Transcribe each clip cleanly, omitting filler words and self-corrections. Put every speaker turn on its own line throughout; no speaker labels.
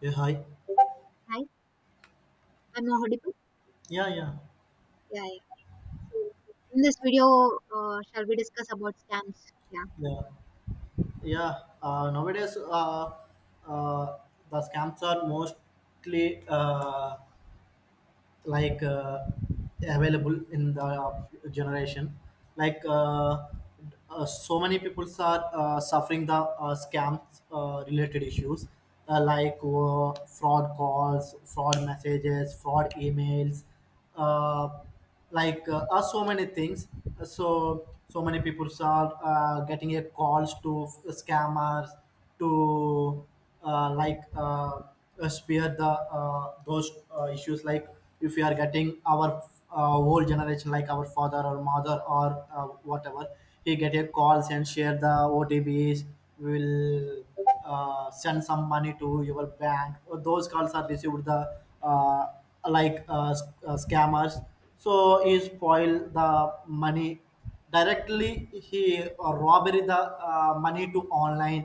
Yeah, hi.
Hi, I'm audible.
Yeah, yeah,
Yeah, yeah. So in this video, shall we discuss about scams? Yeah.
yeah, yeah. Nowadays, uh, the scams are mostly like available in the generation. Like so many people are suffering the scams related issues, like fraud calls, fraud messages, fraud emails, uh, like are so many things. Uh, so so many people are getting a calls to scammers to like spear the those issues like if we are getting our whole generation like our father or mother or uh, whatever he get a calls and share the otbs will send some money to your bank, those calls are received the uh, scammers so he spoil the money, directly he robbery the money to online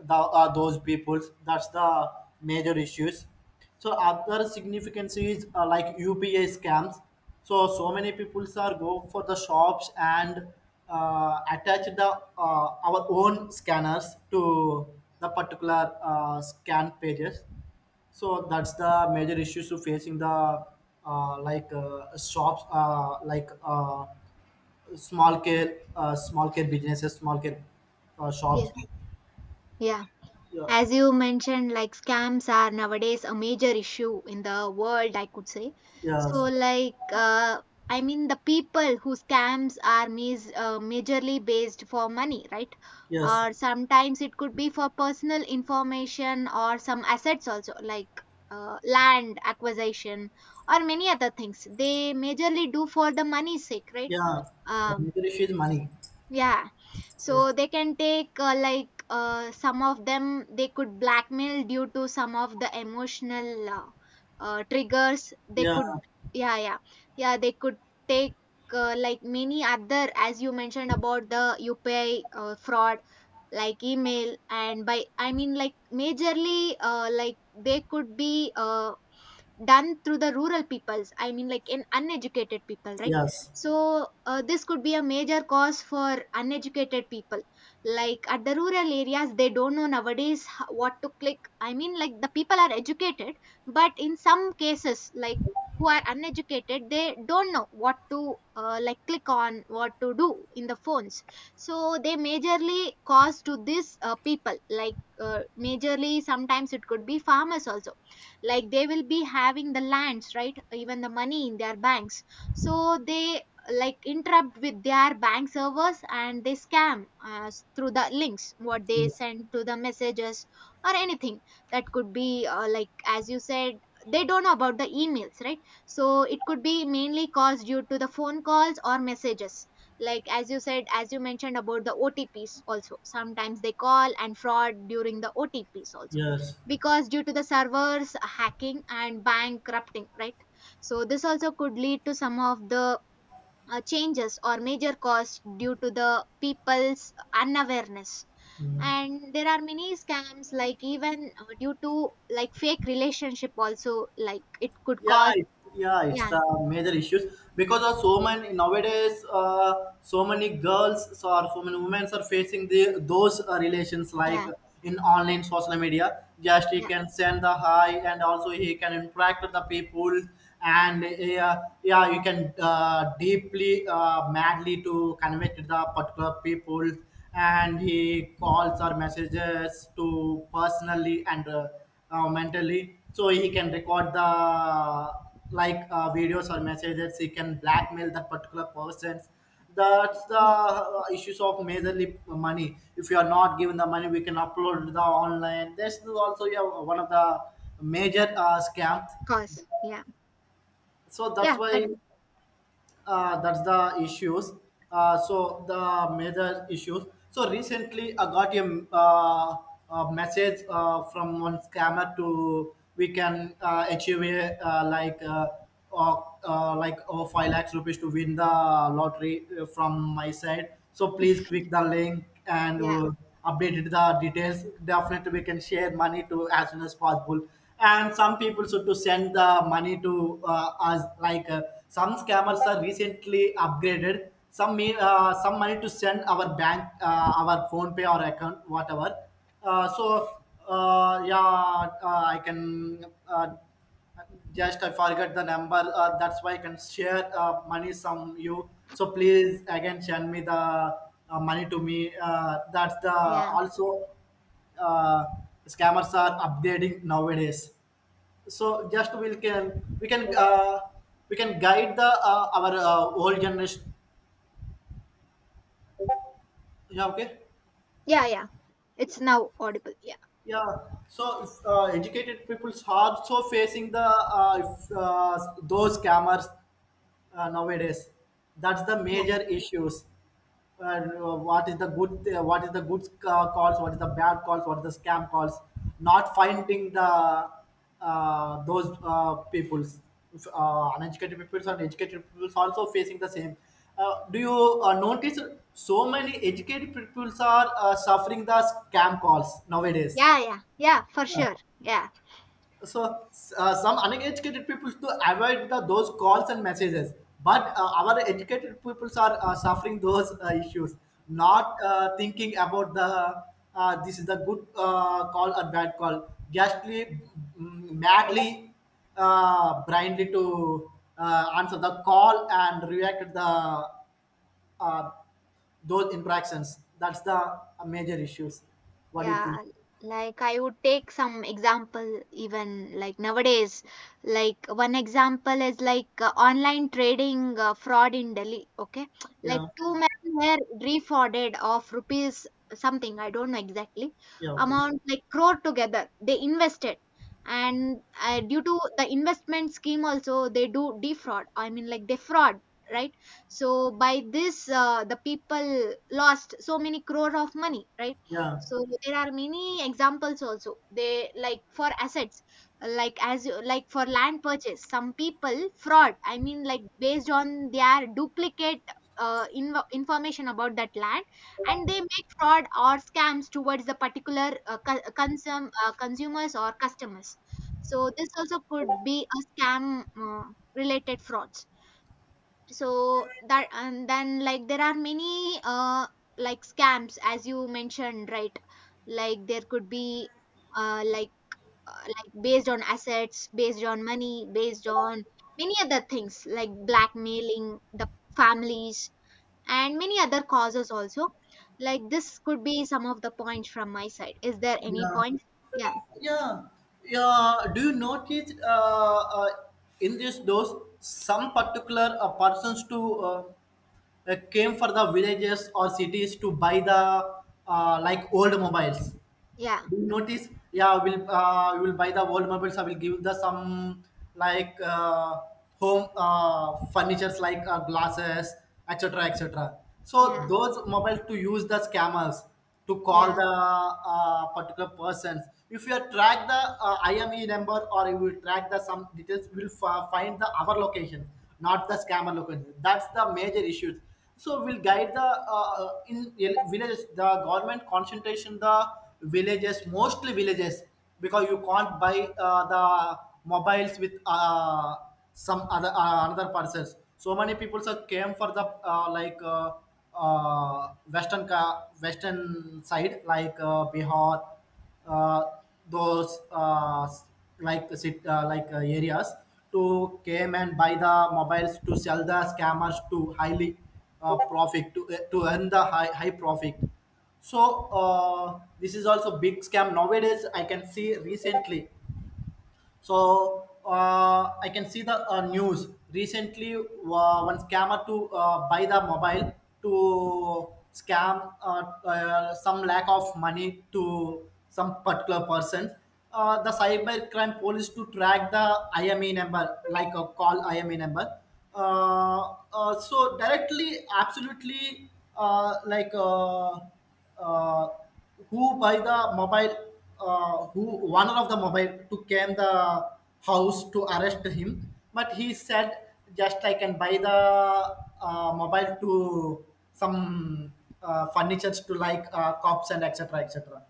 the those peoples, that's the major issues. So other significance is like UPI scams. So so many people are go for the shops and attach the our own scanners to the particular scan pages, so that's the major issues to facing the like shops, like small care businesses, small care shops.
Yes, yeah.
Yeah,
As you mentioned, like scams are nowadays a major issue in the world, I could say.
yes,
So, like, the people who scams are majorly based for money, right?
yes,
Or sometimes it could be for personal information or some assets also, like land acquisition or many other things. They majorly do for the money's sake, right?
yeah, the
Um,
major issue is money.
yeah.
Yeah,
So they can take like some of them they could blackmail due to some of the emotional triggers. They
yeah,
could, yeah yeah yeah, they could take like many other, as you mentioned, about the UPI fraud, like email, and by I mean like majorly like they could be done through the rural peoples. I mean, like, in uneducated people, right?
yes,
So this could be a major cause for uneducated people, like at the rural areas. They don't know nowadays what to click. I mean, like, the people are educated, but in some cases, like, who are uneducated, they don't know what to like click on, what to do in the phones. So they majorly cause to this people, like majorly sometimes it could be farmers also, like they will be having the lands, right, even the money in their banks. So they like interrupt with their bank servers and they scam through the links what they
yes,
send to the messages or anything. That could be like, as you said, they don't know about the emails, right? So it could be mainly caused due to the phone calls or messages, like as you said, as you mentioned about the otps also. Sometimes they call and fraud during the otps also,
yes,
because due to the servers hacking and bankrupting, right? So this also could lead to some of the changes or major costs due to the people's unawareness. And there are many scams like, even due to like fake relationship also, like it could
yeah
cause.
it, yeah it's
yeah
the major issues because of so many nowadays, so many girls so or so many women are facing the those relations, like
yeah
in online social media just he
yeah
can send the hi and also he can interact with the people, and yeah you can deeply, madly to convey to the particular people, and he calls or messages to personally and mentally, so he can record the like videos or messages, he can blackmail that particular persons. That's the
yeah
issues of majorly money, if you are not given the money we can upload the online, this is also, yeah, one of the major scams.
cause,
So that's
yeah
why,
con-
that's the issues, so the major issues. So recently I got a message from one scammer to we can achieve a, uh, like over 5 lakhs rupees to win the lottery from my side, so please click the link and
yeah
update the details, definitely we can share money to as soon as possible. And some people should to send the money to us, like some scammers are recently upgraded some mean some money to send our bank our phone pay or account whatever, so, yeah I can, just I forget the number that's why I can share money some you, so please again send me the money to me, that's the
yeah
also, uh, scammers are upgrading nowadays. So just we can guide the our whole generation. Yeah, okay,
yeah. It's now audible. yeah
yeah. So if, educated people are also facing the, if, those scammers nowadays, that's the
yeah
major issues. uh, what is the good, what is the good calls, what is the bad calls, what is the scam calls, not finding the those peoples, uneducated peoples and educated peoples also facing the same. Do you notice so many educated peoples are suffering the scam calls nowadays?
yeah yeah yeah for sure, yeah
So some uneducated people to avoid the, those calls and messages, but our educated peoples are suffering those issues,
yeah
not thinking about the, this is the good call or bad call, justly, madly, blindly to answer the call and react to the uh, those interactions, that's the major issues. What do you think?
Yeah, like I would take some example even like nowadays. Like one example is like online trading fraud in Delhi. Okay, like
Yeah,
two men were defrauded of rupees, something I don't know exactly
yeah, okay,
amount, like crore together. They invested, and due to the investment scheme also they do defraud. I mean, like, they fraud, right? So by this the people lost so many crore of money, right?
yeah,
So there are many examples also, they like for assets, like as like for land purchase some people fraud. I mean like based on their duplicate information about that land, and they make fraud or scams towards the particular consumers or customers. So this also could be a scam related frauds. So that, and then, like, there are many scams, as you mentioned, right? Like there could be uh like like based on assets, based on money, based on many other things, like blackmailing the families and many other causes also. Like this could be some of the points from my side. Is there any
yeah,
points? Yeah.
yeah, yeah, do you notice in this those some particular persons to came for the villages or cities to buy the like old mobiles?
yeah
Do you notice? Yeah, we'll you will buy the old mobiles. I will give the some like home furnitures, like glasses, etc., etc. So
yeah
those mobiles to use the scammers to call
yeah
the particular persons. If you track the IME number or you will track the some details, we will find the our location, not the scammer location. That's the major issues, so will guide the in villages, the government concentration the villages, mostly villages because you can't buy the mobiles with some other another persons. So many people are came for the like uh, western western side, like Bihar, uh, those like sit like areas, to came and buy the mobiles to sell the scammers to highly profit to, earn the high profit. So this is also big scam nowadays, I can see recently. So I can see the news recently. One scammer to buy the mobile to scam some lack of money to some particular person. The cyber crime police to track the IME number, like a call IME number. So directly, absolutely, like. Uh, who by the mobile, who one of the mobile to came the house to arrest him, but he said just I can buy the mobile to some furnitures to like cops and etc, etc.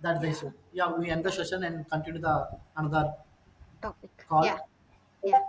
That's the
yeah
issue. Yeah, we end the
yeah
session and continue the another
Topic. Yeah,
call.
yeah.